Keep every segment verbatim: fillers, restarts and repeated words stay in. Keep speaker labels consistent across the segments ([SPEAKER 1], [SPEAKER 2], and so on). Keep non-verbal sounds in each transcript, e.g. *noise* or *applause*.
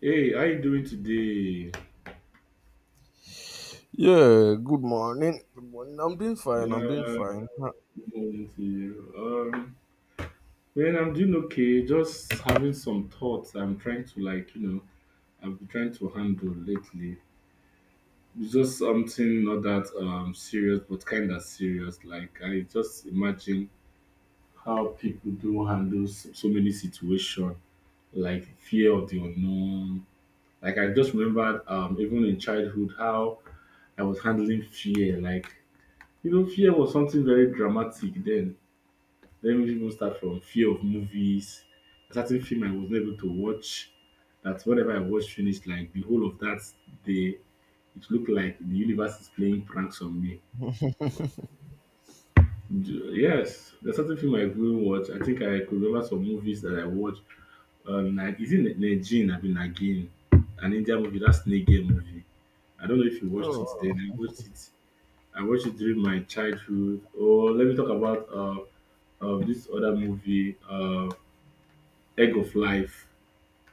[SPEAKER 1] Hey, how you doing today?
[SPEAKER 2] Yeah, good morning. Good morning. I'm doing fine. I'm doing
[SPEAKER 1] Yeah,
[SPEAKER 2] fine. Huh.
[SPEAKER 1] good morning to you. Um, man, I'm doing okay. Just having some thoughts. I'm trying to like, you know, I've been trying to handle lately. It's just something not that um serious, but kind of serious. Like I just imagine how people do handle so, so many situations, like fear of the unknown. Like I just remembered, um, even in childhood, how I was handling fear, like. You know, fear was something very dramatic then. Let me even start from fear of movies. A certain film I was not able to watch. That whenever I watched finished, like the whole of that day, it looked like the universe is playing pranks on me. D- Yes, there's certain film I couldn't watch. I think I could remember some movies that I watched. Uh, Na- is it Nagin? I mean Nagin, an Indian movie. That's Snake Game movie. I don't know if you watched it then.
[SPEAKER 2] Oh,
[SPEAKER 1] I watched it. I watched it during my childhood. Or let me talk about uh, uh this other movie, uh, Egg of Life.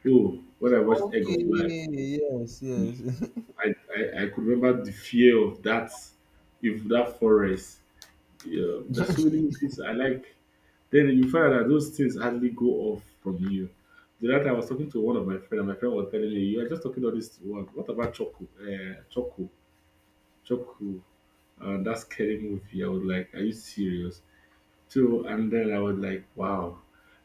[SPEAKER 1] Oh, when I watched Egg
[SPEAKER 2] okay.
[SPEAKER 1] of Life,
[SPEAKER 2] Yes, yes. *laughs*
[SPEAKER 1] I, I, I could remember the fear of that, if that forest. Yeah, there's so many movies I like. Then you find that those things hardly go off from you. The other time I was talking to one of my friend, and my friend was telling me, "You are just talking all this one. What about Choco? Uh, Choco, Choco, uh, that scary movie." I was like, "Are you serious?" too. And then I was like, wow,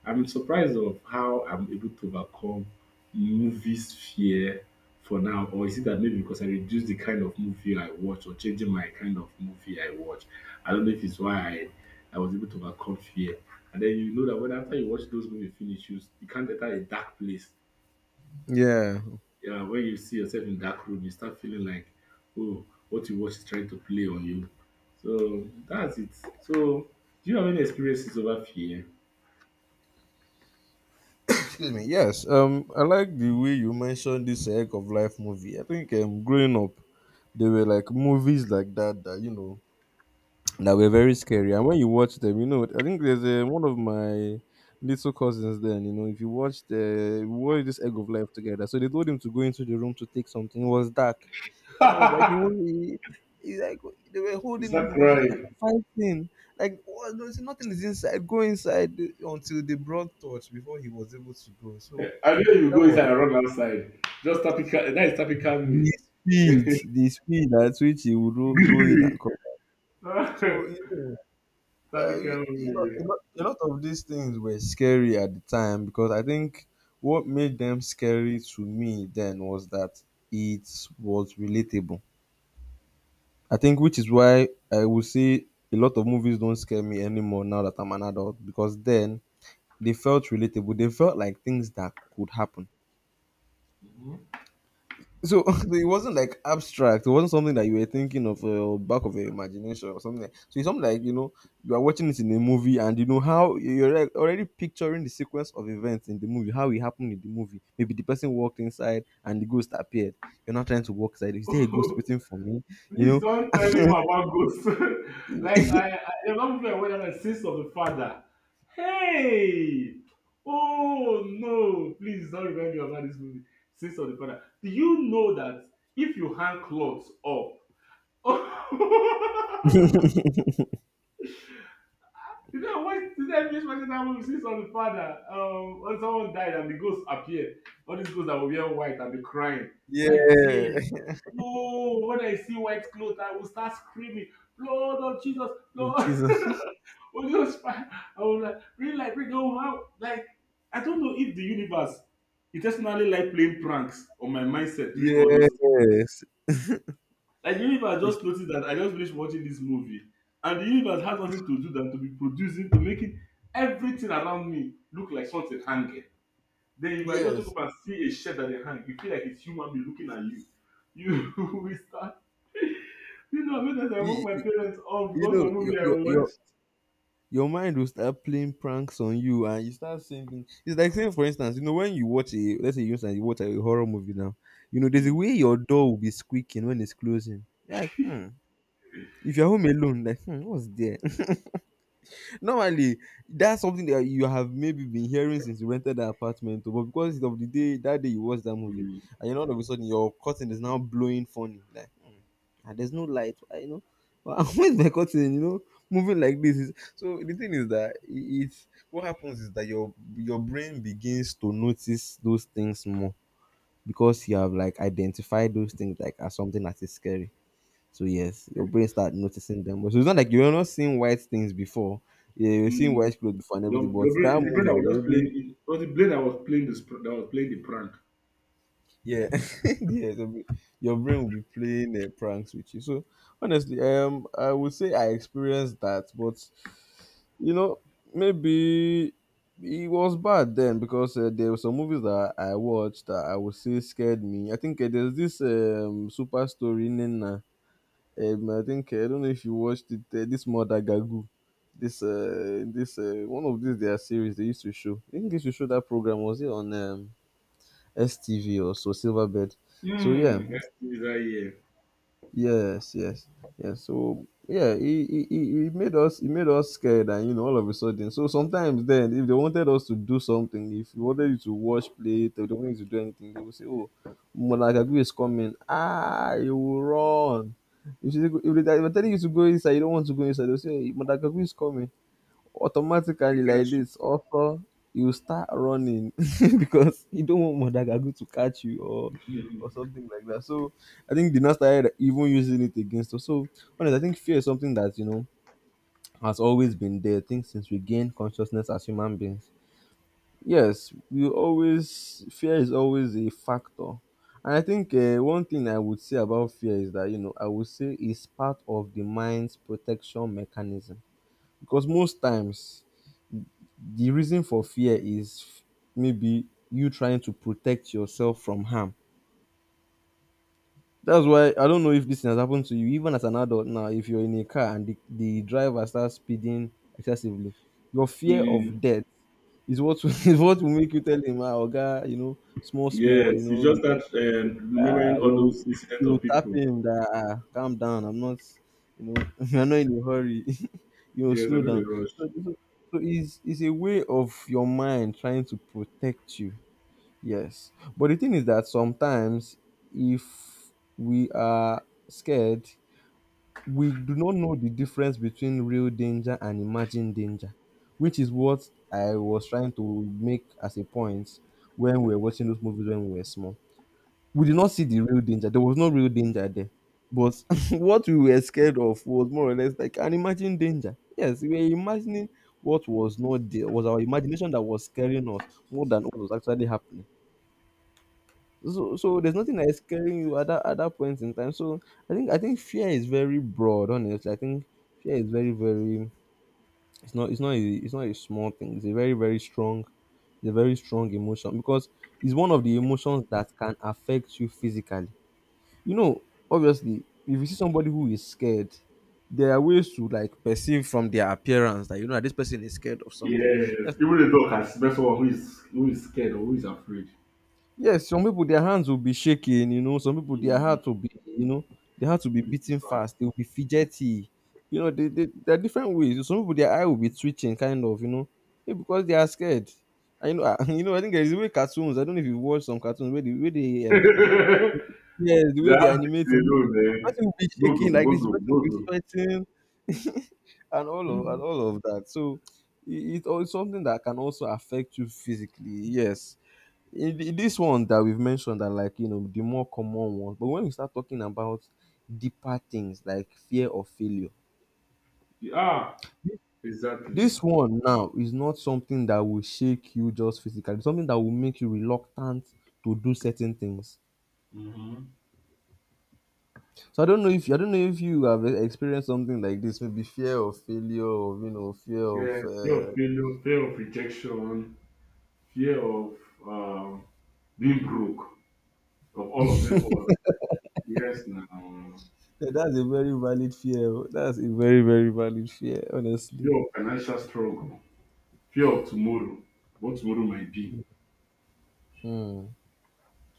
[SPEAKER 1] I'm surprised of how I'm able to overcome movies fear for now. Or is it that maybe because I reduce the kind of movie I watch or changing my kind of movie I watch? I don't know if it's why I, I was able to overcome fear. And then you know that when after you watch those movies finish, you, you can't enter a dark place.
[SPEAKER 2] Yeah.
[SPEAKER 1] Yeah, when you see yourself in dark room, you start feeling like, oh, what you watch is trying to play on you. So that's it. So do you have any experiences over fear?
[SPEAKER 2] Excuse me. Yes. Um, I like the way you mentioned this Egg of Life movie. I think um, growing up, there were like movies like that that you know that were very scary. And when you watch them, you know, I think there's a, one of my little cousins then, you know, if you watched, uh, we watched this Egg of Life together. So they told him to go into the room to take something. It was dark. And it was like, he was, he, he, like, they were
[SPEAKER 1] You
[SPEAKER 2] holding him. He
[SPEAKER 1] start
[SPEAKER 2] was like
[SPEAKER 1] crying.
[SPEAKER 2] fighting. Like, what, there's nothing is inside. Go inside until they brought torch before he was able to go. So
[SPEAKER 1] I know you
[SPEAKER 2] that
[SPEAKER 1] go
[SPEAKER 2] was
[SPEAKER 1] inside and run outside. Just tap it. Tapping, that is tap it. Calm
[SPEAKER 2] the
[SPEAKER 1] me.
[SPEAKER 2] speed, the speed at which he would ro- go in and come.
[SPEAKER 1] *laughs* Tap
[SPEAKER 2] So, you know, uh,
[SPEAKER 1] it. Calm
[SPEAKER 2] a, lot, a,
[SPEAKER 1] me.
[SPEAKER 2] lot, a lot of these things were scary at the time because I think what made them scary to me then was that it was relatable. I think, which is why I would say a lot of movies don't scare me anymore now that I'm an adult because then they felt relatable. They felt like things that could happen. So *laughs* it wasn't like abstract. It wasn't something that you were thinking of uh, or back of your imagination or something. Like, so it's something like you know you are watching it in a movie and you know how you're like already picturing the sequence of events in the movie, how it happened in the movie. Maybe the person walked inside and the ghost appeared. You're not trying to walk inside. Is there a ghost waiting for me?
[SPEAKER 1] *laughs*
[SPEAKER 2] You
[SPEAKER 1] Please don't tell me
[SPEAKER 2] know.
[SPEAKER 1] more about ghosts. *laughs*
[SPEAKER 2] *laughs*
[SPEAKER 1] Like I, I a lot of people are aware that the sins of the father. Hey, oh no! Please don't remind me about this movie. Sins of the father. Do you know that if you hang clothes up? *laughs* You know, I watched the N B S watching that we see on the father. Um, when someone died and the ghosts appear, all these ghosts that were wearing white and be crying. My dear,
[SPEAKER 2] Yeah. *laughs*
[SPEAKER 1] oh, when I see white clothes, I will start screaming, Lord of Jesus,
[SPEAKER 2] Oh,
[SPEAKER 1] Lord, *laughs*
[SPEAKER 2] Jesus.
[SPEAKER 1] Holy Ghost fire. I will like, really like, bring home how, like, I don't know if the universe intentionally like playing pranks on my mindset during all those
[SPEAKER 2] Yes.
[SPEAKER 1] like the universe
[SPEAKER 2] It's-
[SPEAKER 1] just noticed that I just finished watching this movie, and the universe has nothing to do than to be producing, to making everything around me look like something hanging. Then you might just look
[SPEAKER 2] Yes.
[SPEAKER 1] up and see a shirt that they hang. You feel like it's human being looking at you. You *laughs* will start. You know, many times I woke
[SPEAKER 2] You,
[SPEAKER 1] my parents up
[SPEAKER 2] you,
[SPEAKER 1] because
[SPEAKER 2] know,
[SPEAKER 1] of
[SPEAKER 2] your
[SPEAKER 1] movie I
[SPEAKER 2] your your.
[SPEAKER 1] watched.
[SPEAKER 2] Your mind will start playing pranks on you and you start saying things. It's like saying, for instance, you know, when you watch a, let's say, you instance, you watch a horror movie now, you know, there's a
[SPEAKER 1] Mm.
[SPEAKER 2] way your door will be squeaking when it's closing. You're like, hmm. If you're home alone, like, hmm, what's there? Normally that's something that you have maybe been hearing since you rented that apartment oh, but because of the day that day you watch that movie,
[SPEAKER 1] Mm.
[SPEAKER 2] and you know all of a sudden your curtain is now blowing funny like hmm, and there's no light, you know, but *laughs* where's my curtain, you know, moving like this. Is so the thing is that I- it's what happens is that your your brain begins to notice those things more because you have like identified those things like as something that is scary. So yes, your brain start noticing them. So it's not like you're not seeing white things before. Yeah, you're seeing
[SPEAKER 1] Mm.
[SPEAKER 2] white clothes before and
[SPEAKER 1] Your,
[SPEAKER 2] everything. But
[SPEAKER 1] your
[SPEAKER 2] that
[SPEAKER 1] brain, the brain
[SPEAKER 2] movie
[SPEAKER 1] that
[SPEAKER 2] has
[SPEAKER 1] was just
[SPEAKER 2] already,
[SPEAKER 1] playing, it was the brain that was playing this, that was playing the prank.
[SPEAKER 2] yeah. *laughs* Yeah. So be- your brain will be playing uh, pranks with you. So honestly, um, I would say I experienced that, but you know maybe it was bad then because uh, there were some movies that I watched that I would say scared me. I think uh, there's this um super story Nina. Um, I think uh, I don't know if you watched it. Uh, this Mother Gagu, this uh, this uh, one of these their series they used to show. I think they used to show that program. Was it on um, S T V or so Silverbed. So yeah,
[SPEAKER 1] Hmm. That's is that year.
[SPEAKER 2] yes, yes, yes. So yeah, he, he he he made us he made us scared, and you know, all of a sudden. So sometimes then, if they wanted us to do something, if they wanted you to wash plate, or they wanted you to do anything, they would say, "Oh, Monagagu is coming!" Ah, you will run. If they if they are telling you to go inside, you don't want to go inside. They'll say, "Monagagu is coming."
[SPEAKER 1] You
[SPEAKER 2] Automatically like
[SPEAKER 1] can't.
[SPEAKER 2] this also you start running *laughs* because you don't want Madagagu to catch you or
[SPEAKER 1] Mm.
[SPEAKER 2] or something like that. So I think they now started even using it against us. So honestly, I think fear is something that you know has always been there. I think since we gain consciousness as human beings, yes, we always fear is always a factor. And I think uh, one thing I would say about fear is that you know I would say it's part of the mind's protection mechanism, because most times the reason for fear is maybe you trying to protect yourself from harm. That's why, I don't know if this thing has happened to you, even as an adult now. If you're in a car and the, the driver starts speeding excessively, your fear
[SPEAKER 1] Mm.
[SPEAKER 2] of death is what will- *laughs* is what will make you tell him, ah, "Oga, you know, small, small, you
[SPEAKER 1] Yes, you
[SPEAKER 2] know,
[SPEAKER 1] just start um,
[SPEAKER 2] ah,
[SPEAKER 1] remembering all
[SPEAKER 2] you
[SPEAKER 1] those incidents
[SPEAKER 2] you
[SPEAKER 1] of
[SPEAKER 2] tap
[SPEAKER 1] people.
[SPEAKER 2] him that ah, calm down. I'm not, you know, *laughs* you're not in a hurry. *laughs* You know,
[SPEAKER 1] Yes, I
[SPEAKER 2] slow
[SPEAKER 1] know the
[SPEAKER 2] down."
[SPEAKER 1] rush.
[SPEAKER 2] So, so, so it's, it's a way of your mind trying to protect you. Yes. But the thing is that sometimes, if we are scared, we do not know the difference between real danger and imagined danger, which is what I was trying to make as a point when we were watching those movies when we were small. We did not see the real danger. There was no real danger there. But *laughs* what we were scared of was more or less like an imagined danger. Yes, we were imagining what was not there. It was our imagination that was scaring us more than what was actually happening. So so there's nothing that is scaring you at that at that point in time. So I think I think fear is very broad. Honestly, I think fear is very very. It's not it's not a, it's not a small thing. It's a very very strong, it's a very strong emotion because it's one of the emotions that can affect you physically. You know, obviously, if you see somebody who is scared, there are ways to like perceive from their appearance that you know that this person is scared of something.
[SPEAKER 1] Yes,
[SPEAKER 2] Yes.
[SPEAKER 1] even the dog can smell someone who is who is scared or who is afraid. *laughs*
[SPEAKER 2] Yes, some people their hands will be shaking, you know, some people their
[SPEAKER 1] Mm.
[SPEAKER 2] heart will be, you know, their heart will be
[SPEAKER 1] It's
[SPEAKER 2] beating
[SPEAKER 1] bad.
[SPEAKER 2] fast, they will be fidgety. You know, they, they, there are different ways. Some people their eye will be twitching, kind of, you know, maybe because they are scared. I you know, I, *laughs* You know, I think there is a way cartoons. I don't know if you watch some cartoons where the way
[SPEAKER 1] *laughs*
[SPEAKER 2] they, uh,
[SPEAKER 1] They
[SPEAKER 2] yes, the way they
[SPEAKER 1] have this
[SPEAKER 2] animate it,
[SPEAKER 1] they know
[SPEAKER 2] the
[SPEAKER 1] man.
[SPEAKER 2] person will be
[SPEAKER 1] Bogo,
[SPEAKER 2] shaking like this, the
[SPEAKER 1] bogo,
[SPEAKER 2] person will be
[SPEAKER 1] bogo.
[SPEAKER 2] sweating, and all of and
[SPEAKER 1] Mhm.
[SPEAKER 2] all of that. So, it, it, it's something that can also affect you physically. Yes, in, in this one that we've mentioned are like you know the more common ones, but when we start talking about deeper things like fear of failure,
[SPEAKER 1] Ah, exactly.
[SPEAKER 2] this one now is not something that will shake you just physically, it's something that will make you reluctant to do certain things.
[SPEAKER 1] Mhm.
[SPEAKER 2] So i don't know if I don't know if you have e- experienced something like this, maybe fear of failure or you know fear of
[SPEAKER 1] Yes, fear
[SPEAKER 2] uh,
[SPEAKER 1] of failure, fear of rejection, fear of um, being broke, of all of them all. Yes, now
[SPEAKER 2] yeah, that's a very valid fear oh. That's a very very valid fear, honestly.
[SPEAKER 1] fear of financial struggle. Fear of tomorrow, what tomorrow might be.
[SPEAKER 2] Hmm.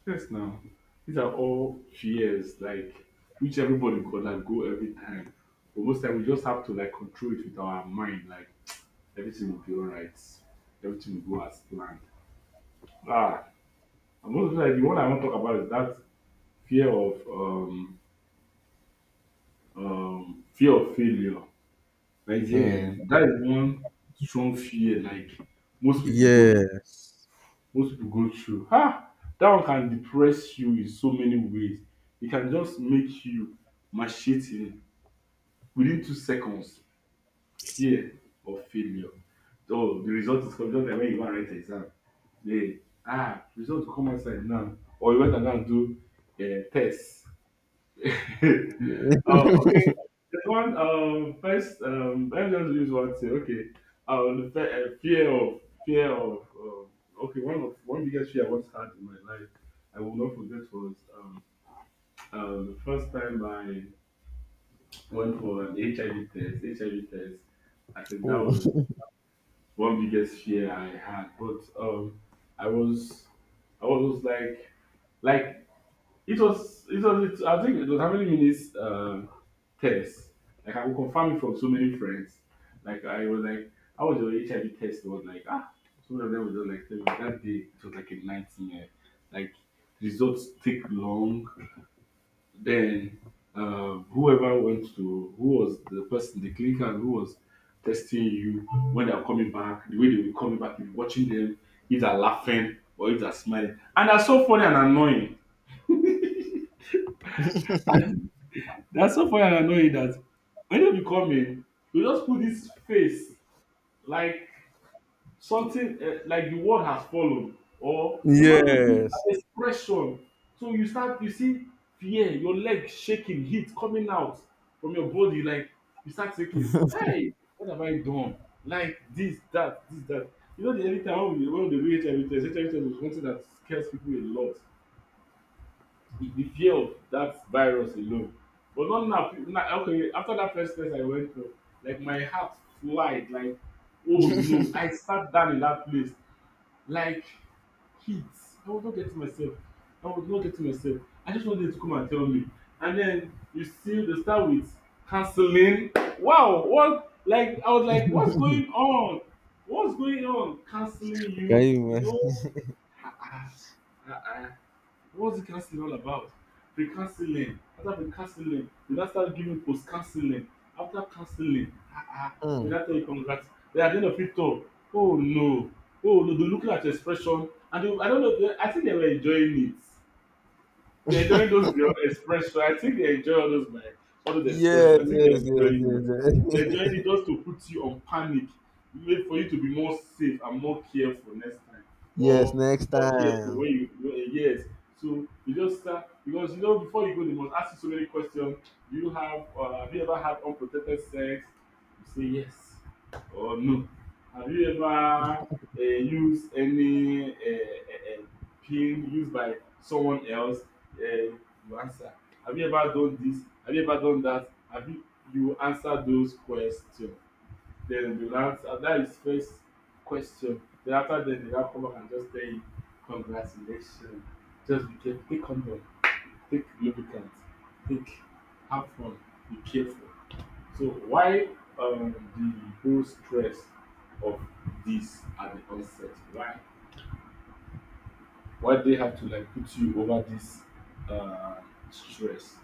[SPEAKER 1] Yes, now, these are all fears, like, which everybody could like go every time. But most time, we just have to like control it with our mind, like, everything will be all right, everything will go as planned. Ah, and most of the time, the one I want to talk about is that fear of um, um, fear of failure. Like, yeah,
[SPEAKER 2] Hmm.
[SPEAKER 1] that is one strong fear, like, most people go
[SPEAKER 2] Yes.
[SPEAKER 1] most people go through. Ah, that one can depress you in so many ways. It can just make you macheting within two seconds fear of failure. Oh, the result is coming just like when you want to write an exam. Hey, ah, result will come outside now. Or you went and go and do a test. *laughs*
[SPEAKER 2] *laughs*
[SPEAKER 1] Oh, okay. There's one. Um, first, um, let me just use one thing. Okay. Um, the fe- uh, fear of fear of um, okay. One of one biggest fear I once had in my life, I will not forget was um, um the first time I went for an H I V test. H I V test. I said that
[SPEAKER 2] Oh.
[SPEAKER 1] was one biggest fear I had, but um, I was I was like like it was, it was, it, I think it was how many minutes um, test. Like I could confirm it from so many friends. Like I was like, I was your H I V test. It was like ah, some of them were just like telling me that day it was like a nineteen. Like results take long. Then uh, whoever went to who was the person, the clinical who was testing you when they are coming back, the way they will be coming back, you'll be watching them, if they're laughing or if they're smiling. And they're so funny and annoying. *laughs* That's so funny and annoying that when you come in, you just put this face like something uh, like the world has fallen, or they don't even give an
[SPEAKER 2] Yes.
[SPEAKER 1] expression. So you start, you see fear, your leg shaking, heat coming out from your body, like you start thinking, "Hey, what have I done? Like this, that, this, that." You know, the anytime when we when they do H I V test, H I V test is something that scares people a lot. the, the fear of that virus alone but not now now okay after that first test I went through like my heart flied like oh no I sat down in that place like heat I was not getting myself I was not getting myself I just want them to come and tell me and then you still dey start with counseling wow what like I was like what's going on what's going on counseling
[SPEAKER 2] Can
[SPEAKER 1] you
[SPEAKER 2] you
[SPEAKER 1] no
[SPEAKER 2] imagine?
[SPEAKER 1] ah ah ah ah. What's the counseling all about? Pre counseling, after pre counseling, they now start giving post counseling. After counseling, ah ah, they
[SPEAKER 2] Mm.
[SPEAKER 1] now tell you congrats. Then at the end of it all, oh no, oh no, they looking at your expression and they, I don't know, they, I think they were enjoying it. They're enjoying those your expression. I think they enjoy all those like all those
[SPEAKER 2] Yes,
[SPEAKER 1] expression. I think they're
[SPEAKER 2] yes, yes,
[SPEAKER 1] enjoying it.
[SPEAKER 2] yes,
[SPEAKER 1] They're enjoying it
[SPEAKER 2] yes.
[SPEAKER 1] just to put you on panic, wait for you to be more safe and more careful next time,
[SPEAKER 2] *laughs* Yes,
[SPEAKER 1] or
[SPEAKER 2] next
[SPEAKER 1] more careful
[SPEAKER 2] time.
[SPEAKER 1] when you when, eh, yes. So you just start because you know before you go, they must ask you so many questions. Do you have? Uh, have you ever had unprotected sex? You say yes. Or no? Have you ever uh, used any uh, uh, uh, pin used by someone else? Uh, you answer. Have you ever done this? Have you ever done that? Have you you answer those questions? Then they will answer. That is first question. Then after then they now come back and just tell you, congratulations. Just be careful. Take condom. Take lubricant. Take have fun. Be careful. So why um, the whole stress of this at the onset? Why? Why they have to like put you over this uh, stress?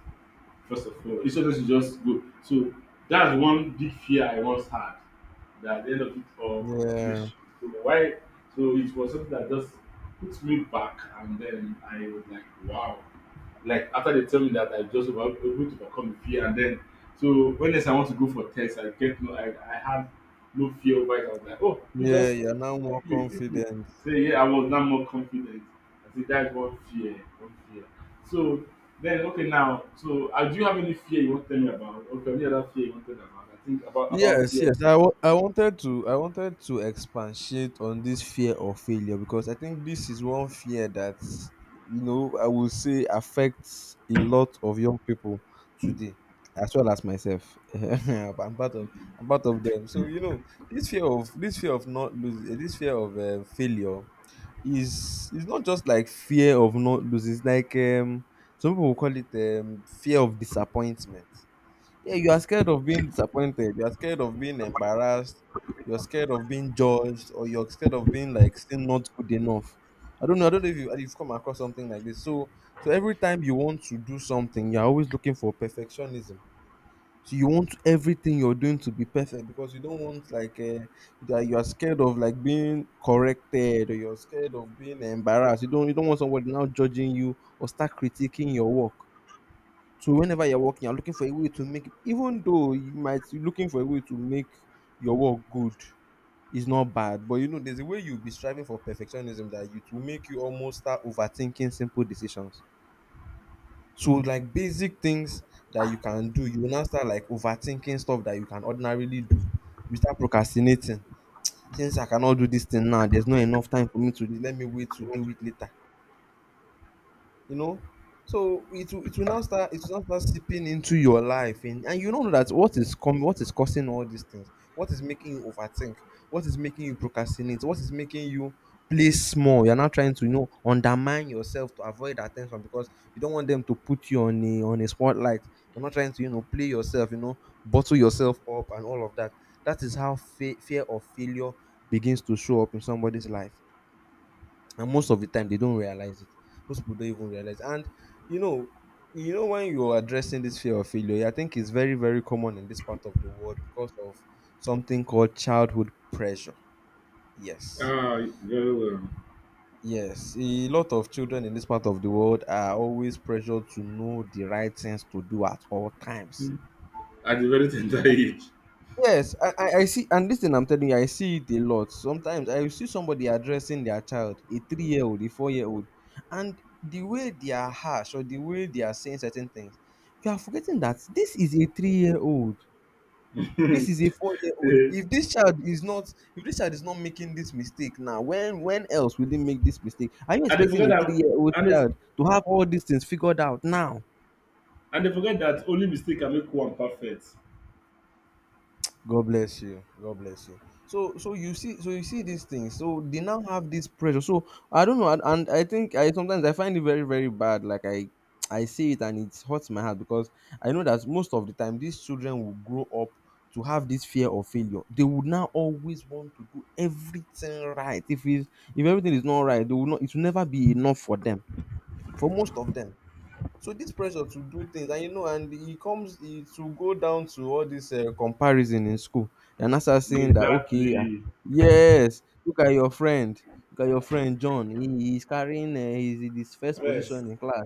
[SPEAKER 1] First of all instead of you just go so that's one big fear I once had that at the end of it all
[SPEAKER 2] Yeah.
[SPEAKER 1] congratulations so why so it was something that just put me back and then I was like wow like after they tell me that I just about able to overcome the fear and then so when next I want to go for test I get no I I had no fear over it. I was like, oh you
[SPEAKER 2] Yeah,
[SPEAKER 1] just
[SPEAKER 2] you're now more
[SPEAKER 1] pick me, pick me.
[SPEAKER 2] confident.
[SPEAKER 1] So yeah, I was now more confident. I said that's one fear, one fear. So then okay now, so uh, do you have any fear you want to tell me about? Okay, any other fear you want to tell me about? I think about about
[SPEAKER 2] Yes,
[SPEAKER 1] fear.
[SPEAKER 2] yes. I w- I wanted to I wanted to expatiate on this fear of failure because I think this is one fear that you know I will say affects a lot of young people today, as well as myself. *laughs* I'm part of I'm part of them. So you know this fear of this fear of not losing, this fear of uh, failure is is not just like fear of not losing. It's like um some people call it um, fear of disappointment. Yeah, you are scared of being disappointed. You are scared of being embarrassed. You're scared of being judged, or you're scared of being like still not good enough. I don't know. I don't know if you, you've come across something like this. So, so every time you want to do something, you're always looking for perfectionism. So you want everything you're doing to be perfect because you don't want like uh, that you are scared of like being corrected or you're scared of being embarrassed. You don't you don't want somebody now judging you or start critiquing your work. So whenever you're working, you're looking for a way to make, even though you might be looking for a way to make your work good is not bad, but you know there's a way you'll be striving for perfectionism that you to make you almost start overthinking simple decisions. So like basic things that you can do, you will now start like overthinking stuff that you can ordinarily do. You start procrastinating. Since I cannot do this thing now, there's not enough time for me to do. Let me wait to do it later. you know so it will, it will now start it will now start seeping into your life, and, and you don't know that what is coming, what is causing all these things, what is making you overthink, what is making you procrastinate, what is making you play small. You're not trying to, you know, undermine yourself to avoid attention because you don't want them to put you on a on a spotlight. You're not trying to, you know, play yourself, you know bottle yourself up and all of that. That is how fa- fear of failure begins to show up in somebody's life, and most of the time they don't realize it. Most people don't even realize. And you know you know when you're addressing this fear of failure, I think it's very very common in this part of the world because of something called childhood pressure. Yes.
[SPEAKER 1] Ah, very well.
[SPEAKER 2] Yes, a lot of children in this part of the world are always pressured to know the right things to do at all times.
[SPEAKER 1] Hmm. At a very tender *laughs* age.
[SPEAKER 2] Yes, I, I, I see, and listen, I'm telling you, I see it a lot. Sometimes I will see somebody addressing their child, a three year old, a four year old, and the way they are harsh or the way they are saying certain things, you are forgetting that this is a three year old. This is a four year old.
[SPEAKER 1] Eh,
[SPEAKER 2] If this child is not, if this child is not making this mistake now, when when else will they make this mistake? Are you
[SPEAKER 1] And they
[SPEAKER 2] expecting
[SPEAKER 1] forget
[SPEAKER 2] a three
[SPEAKER 1] that
[SPEAKER 2] year old
[SPEAKER 1] and, it's,
[SPEAKER 2] child to have all these things figured out now?
[SPEAKER 1] and they forget that only mistake can make one perfect.
[SPEAKER 2] God bless you. God bless you. So so you see so you see these things. So they now have this pressure. So I don't know, and, and I think, I sometimes I find it very very bad. Like I I see it and it hurts my heart because I know that most of the time these children will grow up to have this fear of failure. They would now always want to do everything right. If it's, if everything is not right, they will not. It will never be enough for them. For most of them. So this pressure to do things, and you know, and it comes, it will go down to all this um comparison in school. You're now start seeing that, okay, ah,
[SPEAKER 1] Exactly.
[SPEAKER 2] yes, look at your friend, look at your friend John. He he's carrying, um he's in his first
[SPEAKER 1] First,
[SPEAKER 2] position in class,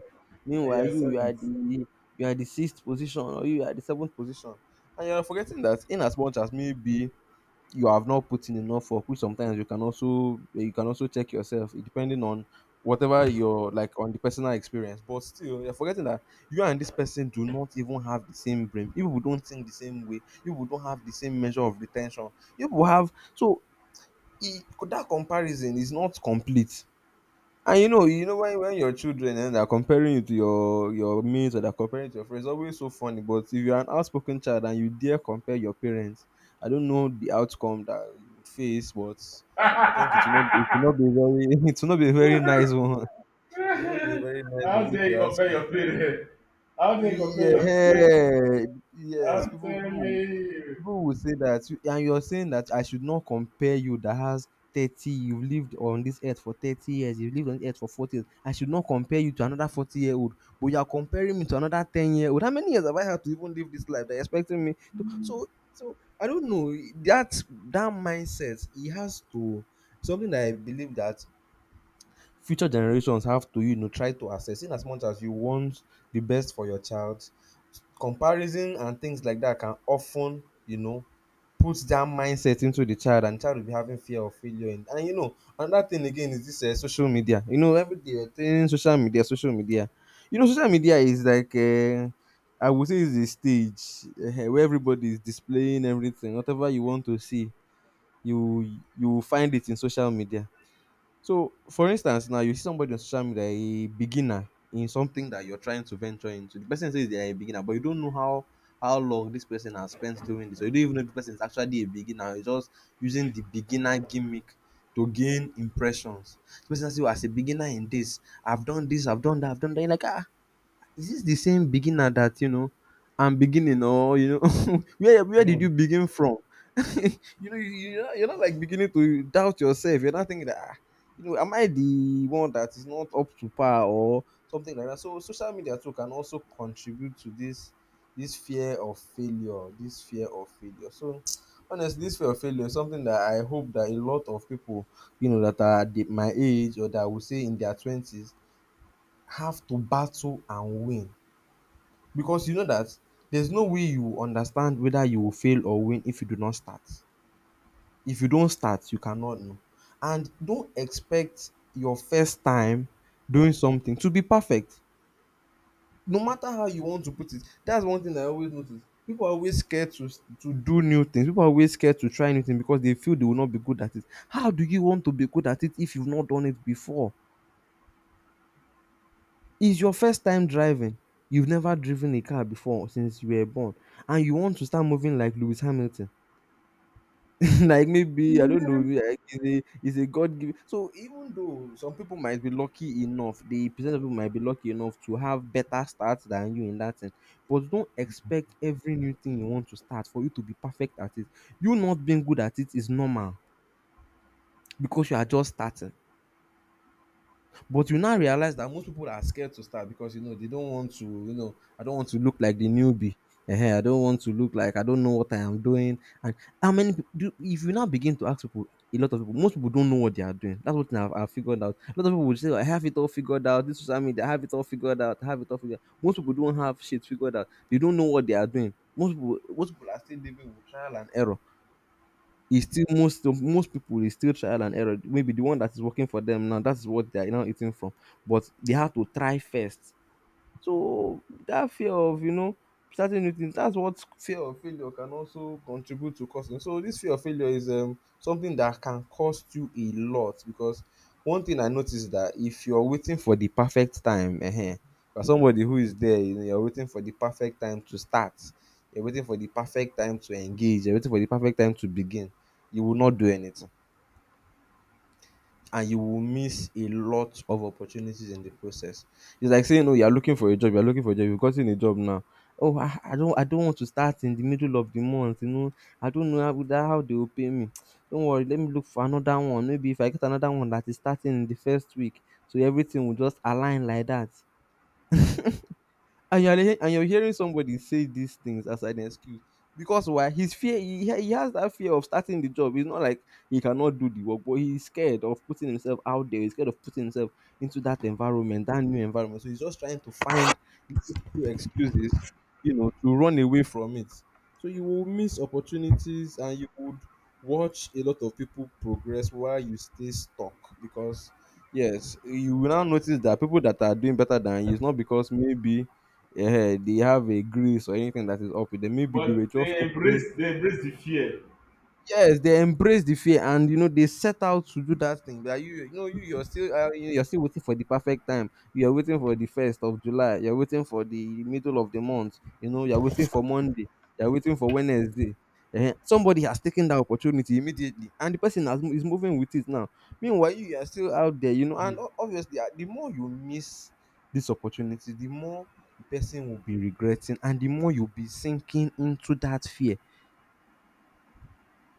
[SPEAKER 1] and
[SPEAKER 2] meanwhile
[SPEAKER 1] you are
[SPEAKER 2] you you are
[SPEAKER 1] seventh.
[SPEAKER 2] the, you are the sixth position or you are the seventh position. And you're forgetting that, in as much as maybe you have not put in enough work, which sometimes you can also you can also check yourself, eh, depending on whatever your like on the personal experience, but still you're forgetting that you and this person do not even have the same brain. You people don't think the same way. You people don't have the same measure of retention. You people have, so, e, that comparison is not complete. And you know, you know when when your children and they're comparing you to your your mates, or they're comparing you to your friends, it's always so funny. But if you're an outspoken child and you dare compare your parents, I don't know the outcome that you would face, but I think it will not, it will not be very *laughs* it will not be a very nice
[SPEAKER 1] *laughs*
[SPEAKER 2] one. *laughs* It will not be a very nice one,
[SPEAKER 1] How
[SPEAKER 2] if
[SPEAKER 1] dare
[SPEAKER 2] you
[SPEAKER 1] you
[SPEAKER 2] ask
[SPEAKER 1] compare
[SPEAKER 2] me.
[SPEAKER 1] your parents? How dare you compare your parents?
[SPEAKER 2] Yeah, yes.
[SPEAKER 1] I'm
[SPEAKER 2] People
[SPEAKER 1] telling
[SPEAKER 2] people
[SPEAKER 1] you.
[SPEAKER 2] people will say that you- and you're saying that I should not compare you, that has thirty, you've lived on this earth for thirty years, you've lived on this earth for forty years, I should not compare you to another forty year old, but you're comparing me to another ten year old. How many years have I had to even live this life they're expecting me to? So so I don't know, that that mindset, it has to, something that I believe that future generations have to, you know, try to assess. In as much as you want the best for your child, comparison and things like that can often, you know, put that mindset into the child, and child will be having fear of failure. And, and you know, another thing again is this, uh, social media. You know, every day you're saying social media, social media. You know, social media is like, uh, I would say it's a stage, uh, where everybody is displaying everything. Whatever you want to see, you you will find it in social media. So, for instance, now you see somebody on social media, a beginner in something that you're trying to venture into. The person says they're a beginner, but you don't know how how long this person has spent doing this. So you don't even know if the person is actually a beginner. You're just using the beginner gimmick to gain impressions. The person says, "Oh, as a beginner in this, I've done this, I've done that, I've done that." You're like, ah, is this the same beginner that, you know, I'm beginning? Or, you know, *laughs* where where did you begin from? *laughs* You know, you you're not you're not like beginning to doubt yourself. You're not thinking that, "Ah, you know, am I the one that is not up to par or something like that?" So social media too can also contribute to this, this fear of failure, this fear of failure. So *tsk* honestly, this fear of failure is something that I hope that a lot of people, you know, that are the, my age, or that I would say in their twenties, have to battle and win, because you know that there's no way you will understand whether you will fail or win if you do not start. If you don't start, you cannot know. And don't expect your first time doing something to be perfect. No matter how you want to put it, that's one thing I always notice. People are always scared to to do new things. People are always scared to try new things because they feel they will not be good at it. How do you want to be good at it if you've not done it before? It's your first time driving. You've never driven a car before since you were born, and you want to start moving like Lewis Hamilton. *laughs* Like maybe, I don't know, maybe like he's a, he's a God given. So even though some people might be lucky enough, the percent of people might be lucky enough to have better starts than you in that thing. But don't expect every new thing you want to start for you to be perfect at it. You not being good at it is normal because you are just starting. But you now realize that most people are scared to start because, you know, they don't want to, you know, I don't want to look like the newbie. Ehen, I don't want to look like I don't know what I am doing. And how many peop- do if you now begin to ask people, a lot of people, most people don't know what they are doing. That's what I've, I've figured out. A lot of people would say, "Oh, I have it all figured out. This is what I mean, I have it all figured out. I have it all figured out." Most people don't have shit figured out. They don't know what they are doing. Most people, most people are still living with trial and error. It's still, most most people is still trial and error. Maybe the one that is working for them now, that's what they are now eating from. But they have to try first. So that fear of, you know, starting new things, that's what fear of failure can also contribute to causing. So this fear of failure is, um, something that can cost you a lot because one thing I noticed is that if you're waiting for the perfect time, uh for somebody who is there, you know, you're waiting for the perfect time to start, you're waiting for the perfect time to engage, you're waiting for the perfect time to begin, you will not do anything, and you will miss a lot of opportunities in the process. It's like saying, oh, you're looking for a job, you're looking for a job, you've gotten a job now. Oh, I, I don't I don't want to start in the middle of the month, you know. I don't know how, that, how they will pay me. Don't worry, let me look for another one. Maybe if I get another one that is starting in the first week, so everything will just align like that. And you're he- and you're hearing somebody say these things as an excuse because why his fear he, he he has that fear of starting the job. It's not like he cannot do the work, but he's scared of putting himself out there. He's scared of putting himself into that environment, that new environment. So he's just trying to find little excuses, you know, to run away from it. So you will miss opportunities and you would watch a lot of people progress while you stay stuck, because yes, you will now notice that people that are doing better than you, it's not because maybe eh, they have a grease or anything that is up with them. Maybe they were
[SPEAKER 1] But
[SPEAKER 2] just
[SPEAKER 1] they
[SPEAKER 2] open.
[SPEAKER 1] embrace they embrace the fear.
[SPEAKER 2] Yes, they embrace the fear, and you know they set out to do that thing. But you, you know, you you're still uh, you- you're still waiting for the perfect time. You're waiting for the first of July. You're waiting for the middle of the month. You know, you're waiting for Monday. You're waiting for Wednesday. Eh, Somebody has taken that opportunity immediately, and the person has, mo- is moving with it now. Meanwhile, you you are still out there, you know. And
[SPEAKER 1] Mhm.
[SPEAKER 2] o- obviously, ah, the more you miss this opportunity, the more the person will be regretting, and the more you'll be sinking into that fear.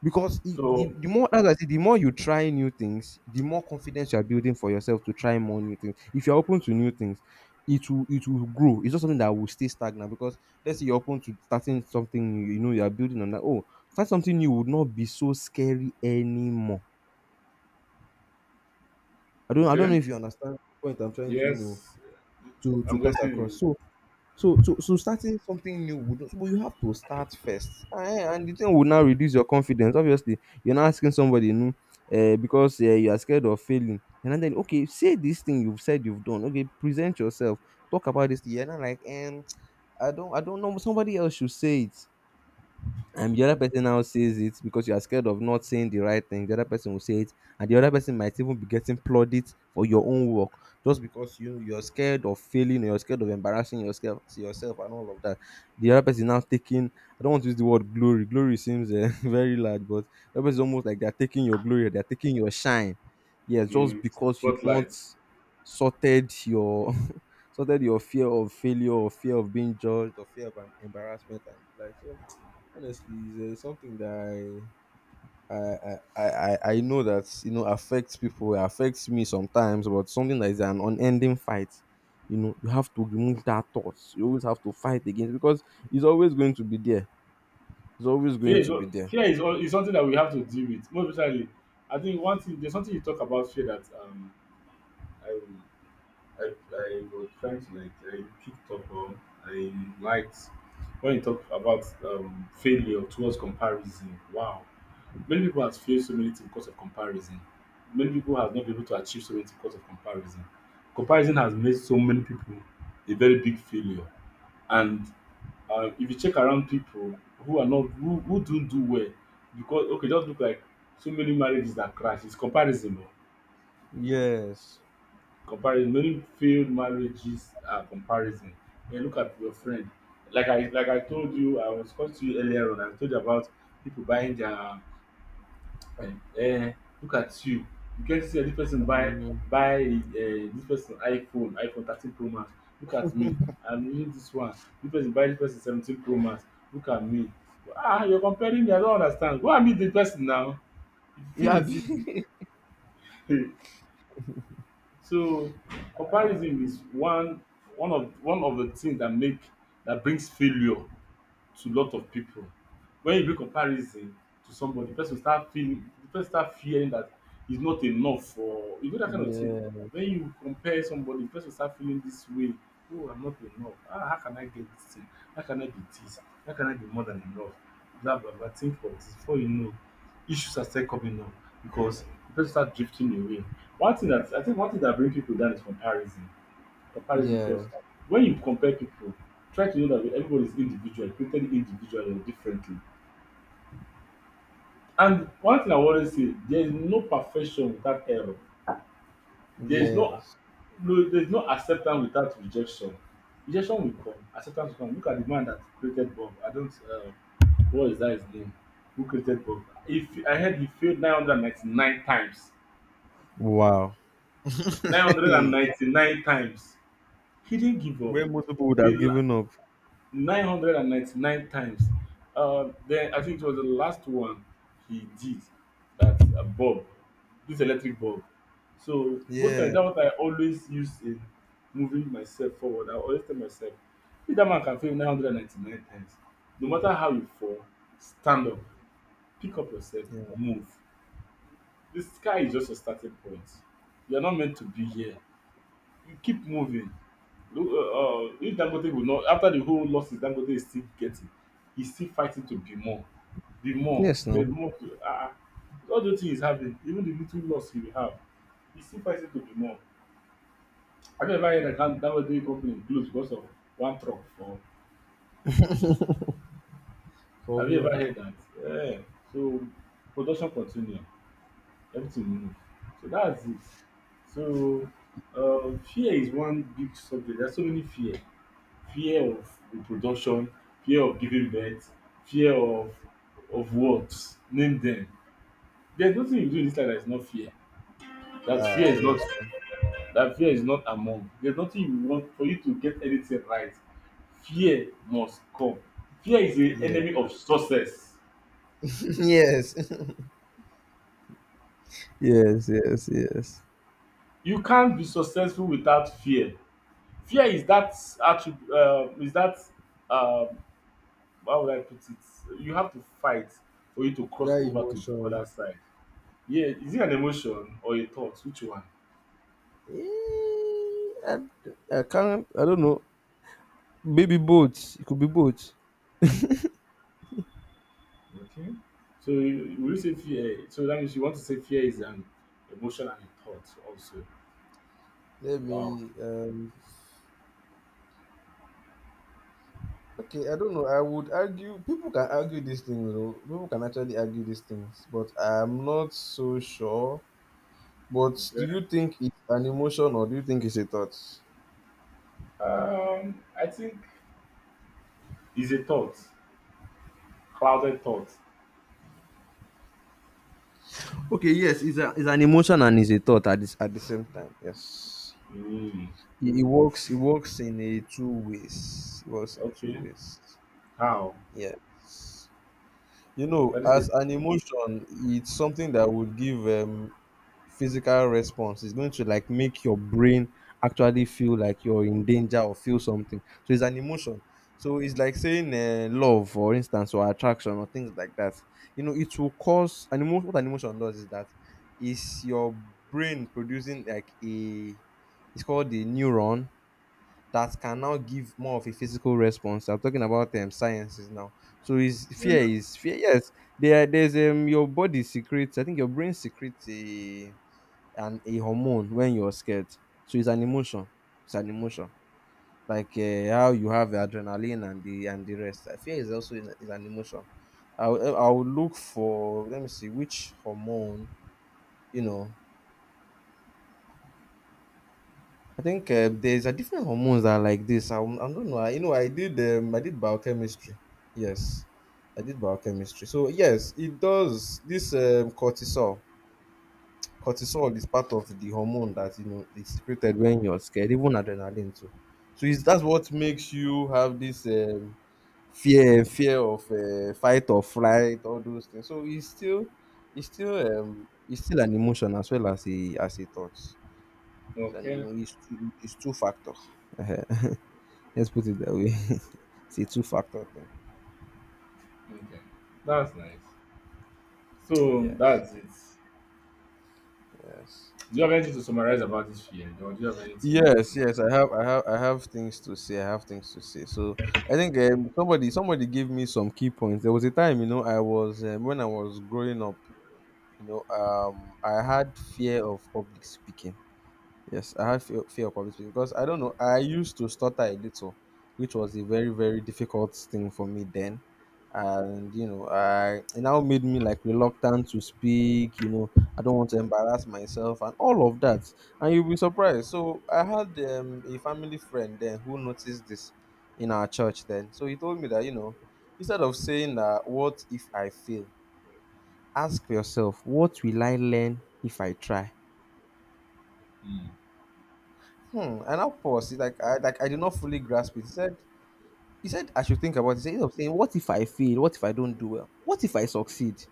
[SPEAKER 2] Because I the
[SPEAKER 1] So
[SPEAKER 2] the more, as I said, the more you try new things, the more confidence you are building for yourself to try more new things. If you're open to new things, it will it will grow. It's not something that will stay stagnant. Because let's say you're open to starting something new, you know you are building on that. Oh, start something new would not be so scary anymore. I don't I don't know
[SPEAKER 1] okay.
[SPEAKER 2] if you understand the point I'm trying to, you know,
[SPEAKER 1] Yes,
[SPEAKER 2] to to
[SPEAKER 1] I'm
[SPEAKER 2] pass
[SPEAKER 1] getting
[SPEAKER 2] across.
[SPEAKER 1] you
[SPEAKER 2] So So, so, so starting something new would, but you have to start first. Eh, and the thing would now reduce your confidence. Obviously, you're not asking somebody, you know, eh, because eh, you are scared of failing. And then, okay, say this thing you've said you've done. Okay, present yourself, talk about this. thing. You're not like, um, I don't, I don't know. Somebody else should say it, and the other person now says it because you are scared of not saying the right thing. The other person will say it, and the other person might even be getting plaudits for your own work just because you you're scared of failing, or you're scared of embarrassing yourself yourself and all of that. The other person now taking, i don't want to use the word glory. Glory seems uh, *laughs* very large, but the other person is almost like they're taking your glory, they're taking your shine. Yes, just
[SPEAKER 1] in
[SPEAKER 2] because you've not
[SPEAKER 1] spotlight.
[SPEAKER 2] sorted your *laughs* sorted your fear of failure, or fear of being judged, or fear of um, embarrassment and the like. So honestly, it's uh, something that I, I I I I know that, you know, affects people. It affects me sometimes, but something that is an unending fight. You know, you have to remove that thought. You always have to fight against, because it's always going to be there. It's always
[SPEAKER 1] Fear
[SPEAKER 2] going
[SPEAKER 1] is
[SPEAKER 2] to be
[SPEAKER 1] al-
[SPEAKER 2] there.
[SPEAKER 1] fear is, al- is something that we have to deal with. Most especially, I think one thing there's something you talk about fear that um I, I was trying to like I picked up on I liked when you talk about um, failure towards comparison. Wow, many people have failed so many things because of comparison. Many people have not been able to achieve so many things because of comparison. Comparison has made so many people a very big failure. And uh, if you check around people who are not who, who don't do well, because okay, just look like so many marriages that crash. It's comparison. Oh.
[SPEAKER 2] Yes.
[SPEAKER 1] Comparison, many failed marriages are comparison. Then look at your friend. Like I like I told you, I was talking to you earlier on. I told you about people buying their eh, eh, look at you. You can see this person buy
[SPEAKER 2] Mm.
[SPEAKER 1] buy eh, this person iPhone, iPhone thirteen Pro Max. Look at me. I'm using this one. This person buy this person seventeen Pro Max. Look at me. Ah, you're comparing me. I don't understand. Go and meet the person now. You feel
[SPEAKER 2] Yeah.
[SPEAKER 1] it's easy.
[SPEAKER 2] *laughs*
[SPEAKER 1] *laughs* So comparison is one one of one of the things that make that brings failure to a lot of people. When you do comparison to somebody, the person start feeling, the person start fearing that he's not enough for you know that kind of thing.
[SPEAKER 2] Yeah.
[SPEAKER 1] When you compare somebody, the person start feeling this way. Oh, I'm not enough. Ah, how can I get this thing? How can I be this? How can I be more than enough? Blah blah blah. Think for this before you know, issues are still coming up because the person start drifting away. One thing that I think one thing that bring people down is comparison comparison because
[SPEAKER 2] Yes.
[SPEAKER 1] when you compare people, try to know that everybody is individual, created individually or differently. And one thing I always say, there is no perfection without error. There is no,
[SPEAKER 2] Yes.
[SPEAKER 1] no there is no acceptance without rejection. Rejection will come, acceptance will come. Look at the man that created Bob. I don't, uh, what is that his name? Who created Bob? If I heard he failed nine hundred ninety-nine times,
[SPEAKER 2] Wow. *laughs* Hey,
[SPEAKER 1] nine hundred ninety-nine times. He didn't give up.
[SPEAKER 2] where most people would
[SPEAKER 1] He
[SPEAKER 2] have given up.
[SPEAKER 1] nine hundred ninety-nine times. Uh, then I think it was the last one he did that uh, bulb, this electric bulb. So most
[SPEAKER 2] Yeah.
[SPEAKER 1] times that's what I always use in moving myself forward. I always tell myself, if that man can fail nine hundred ninety-nine times, no matter how you fall, stand up, pick up yourself,
[SPEAKER 2] Yeah.
[SPEAKER 1] move. The sky is just a starting point. You're not meant to be here. You keep moving. Look, uh, uh, if Dangote will not, after the whole losses Dangote is still getting, he's still fighting to be more, be more.
[SPEAKER 2] Yes,
[SPEAKER 1] There's
[SPEAKER 2] no.
[SPEAKER 1] more. To, uh, all the thing he's having, even the little loss he will have, he's still fighting to be more. Have you ever heard that Dan- Dangote company closed because of one truck? Or
[SPEAKER 2] So
[SPEAKER 1] have you
[SPEAKER 2] yeah.
[SPEAKER 1] ever heard that? Yeah. So production continue, everything move. So that's it. So uh, fear is one big subject. There's so many fear. Fear of reproduction, fear of giving birth, fear of of what, name them. There's nothing you do in this life that is not fear, that fear
[SPEAKER 2] Ah,
[SPEAKER 1] is not,
[SPEAKER 2] yes.
[SPEAKER 1] that fear is not among. There's nothing you want for you to get anything right. Fear must come. Fear is the
[SPEAKER 2] Yeah. Yeah.
[SPEAKER 1] enemy of success.
[SPEAKER 2] *clears throat* *laughs* Yes. *laughs* Yes, yes, yes.
[SPEAKER 1] You can't be successful without fear. Fear is that attribute, uh, is that um, how would I put it, you have to fight for you to cross
[SPEAKER 2] That
[SPEAKER 1] over to the
[SPEAKER 2] emotion.
[SPEAKER 1] other side. Yeah, is it an emotion or a thought? Which one?
[SPEAKER 2] Eh, I, I can't. I don't know. Maybe both. It could be both.
[SPEAKER 1] Okay. So you- will you say fear? So that means you want to say fear is an emotion and a thought also.
[SPEAKER 2] Let
[SPEAKER 1] Wow.
[SPEAKER 2] me. Um, okay, I don't know. I would argue. People can argue these things, though. People can actually argue these things, but I'm not so sure. But do
[SPEAKER 1] Okay.
[SPEAKER 2] you think it's an emotion, or do you think it's a thought?
[SPEAKER 1] Um, I think is a thought, clouded thought.
[SPEAKER 2] Okay. Yes, it's, a, it's an emotion and it's a thought at this at the same time. Yes.
[SPEAKER 1] Mm,
[SPEAKER 2] It, it works. It works in a two ways. It works in two
[SPEAKER 1] okay.
[SPEAKER 2] ways.
[SPEAKER 1] How?
[SPEAKER 2] Yes. You know,
[SPEAKER 1] What is it?
[SPEAKER 2] as an emotion, it's something that would give um, physical response. It's going to like make your brain actually feel like you're in danger or feel something. So it's an emotion. So it's like saying uh, love, for instance, or attraction or things like that. You know, it will cause an emotion. What an emotion does is that is your brain producing like a. It's called the neuron that can now give more of a physical response. I'm talking about um, sciences now. So is fear
[SPEAKER 1] Well,
[SPEAKER 2] is fear. Yes, there there's um your body secretes. I think your brain secretes a an a hormone when you're scared. So it's an emotion. It's an emotion. Like uh, how you have the adrenaline and the and the rest. Uh, Fear is also is, is an emotion. I will- I will look for, let me see which hormone, you know. I think uh, there's a different hormones that are like this. I, I don't know. I, you know, I did um, I did biochemistry. Yes, I did biochemistry. So yes, it does. This um, cortisol, cortisol is part of the hormone that, you know, is secreted when you're scared, even adrenaline too. So it's, that's what makes you have this um, fear, fear of uh, fight or flight, all those things. So it's still, it's still, um, it's still an emotion as well as a as a thought. It's an,
[SPEAKER 1] okay.
[SPEAKER 2] emo- it's two, it's two factor. Let's put it that way. *laughs* It's a two factor thing.
[SPEAKER 1] Okay. That's nice. So
[SPEAKER 2] Yes,
[SPEAKER 1] that's it.
[SPEAKER 2] yes,
[SPEAKER 1] Do you have anything to summarize about this fear, or do you have anything
[SPEAKER 2] yes,
[SPEAKER 1] to add?
[SPEAKER 2] yes. I have, I have, I have things to say. I have things to say. So I think um, somebody, somebody gave me some key points. There was a time, you know, I was um, when I was growing up, you know, um, I had fear of public speaking. Yes, I had fear, fear of public speaking because I don't know. I used to stutter a little, which was a very, very difficult thing for me then. And you know, I it now made me like reluctant to speak. You know, I don't want to embarrass myself and all of that. And you'll be surprised. So I had um, a family friend then who noticed this in our church then. So he told me that, you know, instead of saying that, what if I fail? Ask yourself, what will I learn if I try?
[SPEAKER 1] Mm.
[SPEAKER 2] Hmm. And of course, it's like I like I did not fully grasp it. He said he said I should think about it. He said, instead of saying, what if I fail? What if I don't do well? What if I succeed?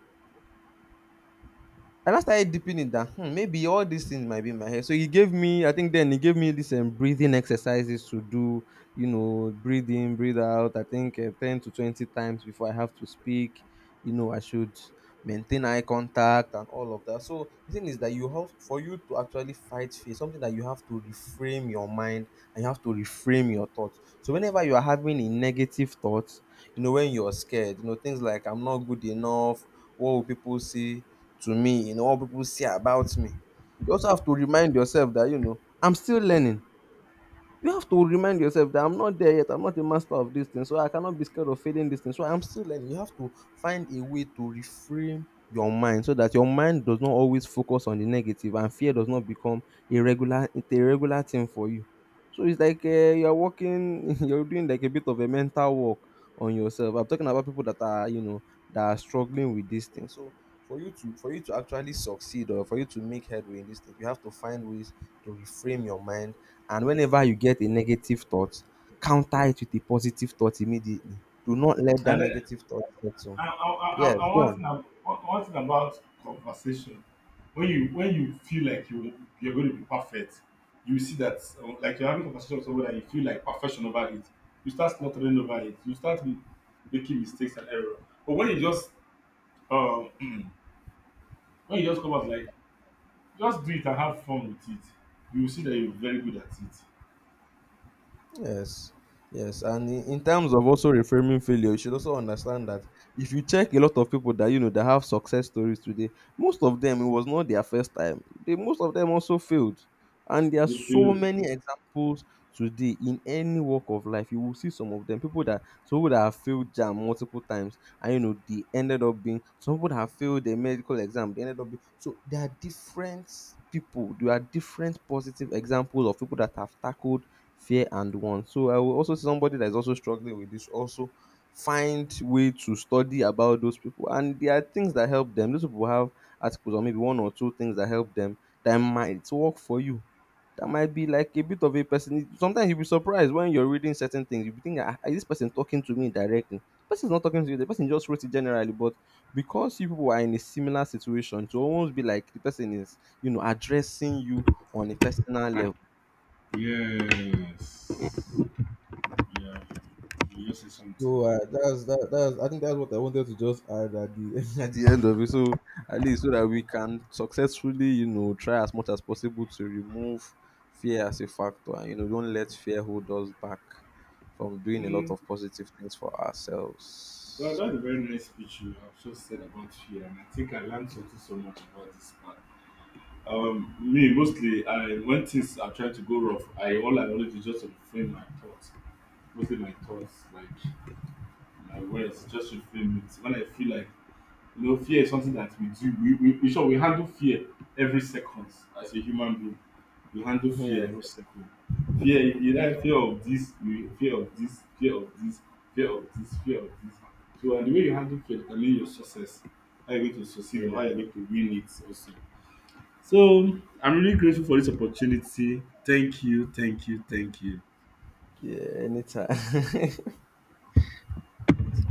[SPEAKER 2] And I started deeping it that, hmm, maybe all these things might be in my head. So he gave me, I think then he gave me these um, breathing exercises to do, you know, breathe in, breathe out. I think uh, ten to twenty times before I have to speak. You know, I should maintain eye contact and all of that. So the thing is that you have, for you to actually fight fear, something that you have to reframe your mind, and you have to reframe your thoughts. So whenever you are having a negative thought, you know, when you're scared, you know, things like I'm not good enough, what will people see? To me, you know, what people say about me. You also have to remind yourself that, you know, I'm still learning. You have to remind yourself that I'm not there yet. I'm not a master of this thing, so I cannot be scared of failing this thing. So I'm still learning. You have to find a way to reframe your mind so that your mind does not always focus on the negative, and fear does not become a regular it's a regular thing for you. So it's like uh, you're working, *laughs* you're doing like a bit of a mental work on yourself. I'm talking about people that are, you know, that are struggling with this thing. So for you to for you to actually succeed, or for you to make headway in this thing, you have to find ways to reframe your mind, and whenever you get a negative thought, counter it with a positive thought immediately. Do not let that
[SPEAKER 1] And
[SPEAKER 2] negative thought settle.
[SPEAKER 1] I, I, I,
[SPEAKER 2] Yes,
[SPEAKER 1] I
[SPEAKER 2] go
[SPEAKER 1] want
[SPEAKER 2] on.
[SPEAKER 1] thing, one thing about conversation. When you when you feel like you you're going to be perfect, you see that uh, like you're having a conversation with someone and you feel like perfection over it. You start stuttering over it. You start m- making mistakes and error. But when you just um, *clears throat* when you just come out like just do it and have fun with it, you will see that you're very good at it.
[SPEAKER 2] Yes, yes, and in, in terms of also reframing failure, you should also understand that if you check a lot of people that you know that have success stories today, most of them, it was not their first time. They most of them also failed, and there are
[SPEAKER 1] They
[SPEAKER 2] so
[SPEAKER 1] fail.
[SPEAKER 2] many examples today in any walk of life. You will see some of them people that some people that have failed jam multiple times, and you know they ended up being some people that have failed their medical exam. They ended up being, so there are different people. There are different positive examples of people that have tackled fear and want. So I will also see somebody that is also struggling with this also, find way to study about those people. And there are things that help them. Those people have articles, or maybe one or two things that help them, that might work for you. That might be like a bit of a person. Sometimes you'll be surprised when you're reading certain things. You'll be thinking, "Ah, is this person talking to me directly?" The person's not talking to you. The person just wrote it generally. But because you people are in a similar situation, to almost be like the person is, you know, addressing you on a personal level.
[SPEAKER 1] Yes. Yeah. You just say something
[SPEAKER 2] So uh, that's that, that's, I think that's what I wanted to just add at the *laughs* at the end of it. So at least so that we can successfully, you know, try as much as possible to remove fear as a factor, and you know, don't let fear hold us back from doing a
[SPEAKER 1] very
[SPEAKER 2] lot of
[SPEAKER 1] important.
[SPEAKER 2] positive things for
[SPEAKER 1] Well,
[SPEAKER 2] ourselves.
[SPEAKER 1] that's a very nice speech you have just said about fear, and I think I learned something so much about this part. Um, me mostly, I when things are trying to go rough, I all I want do is just reframe my thoughts, mostly my thoughts, like my words, just reframe it. When I feel like you know, fear is something that we do. We we, we sure we handle fear every second as a human being. You handle
[SPEAKER 2] *laughs* Yeah.
[SPEAKER 1] fear every step of fear. You like fear of this, you fear of this, fear of this, fear of this, fear of this. So and the way you handle fear can determine your success, how you're going to succeed or how
[SPEAKER 2] Yeah,
[SPEAKER 1] you're going to win it also. So I'm really grateful for this opportunity. Thank you, thank you, thank you.
[SPEAKER 2] yeah, anytime. *laughs*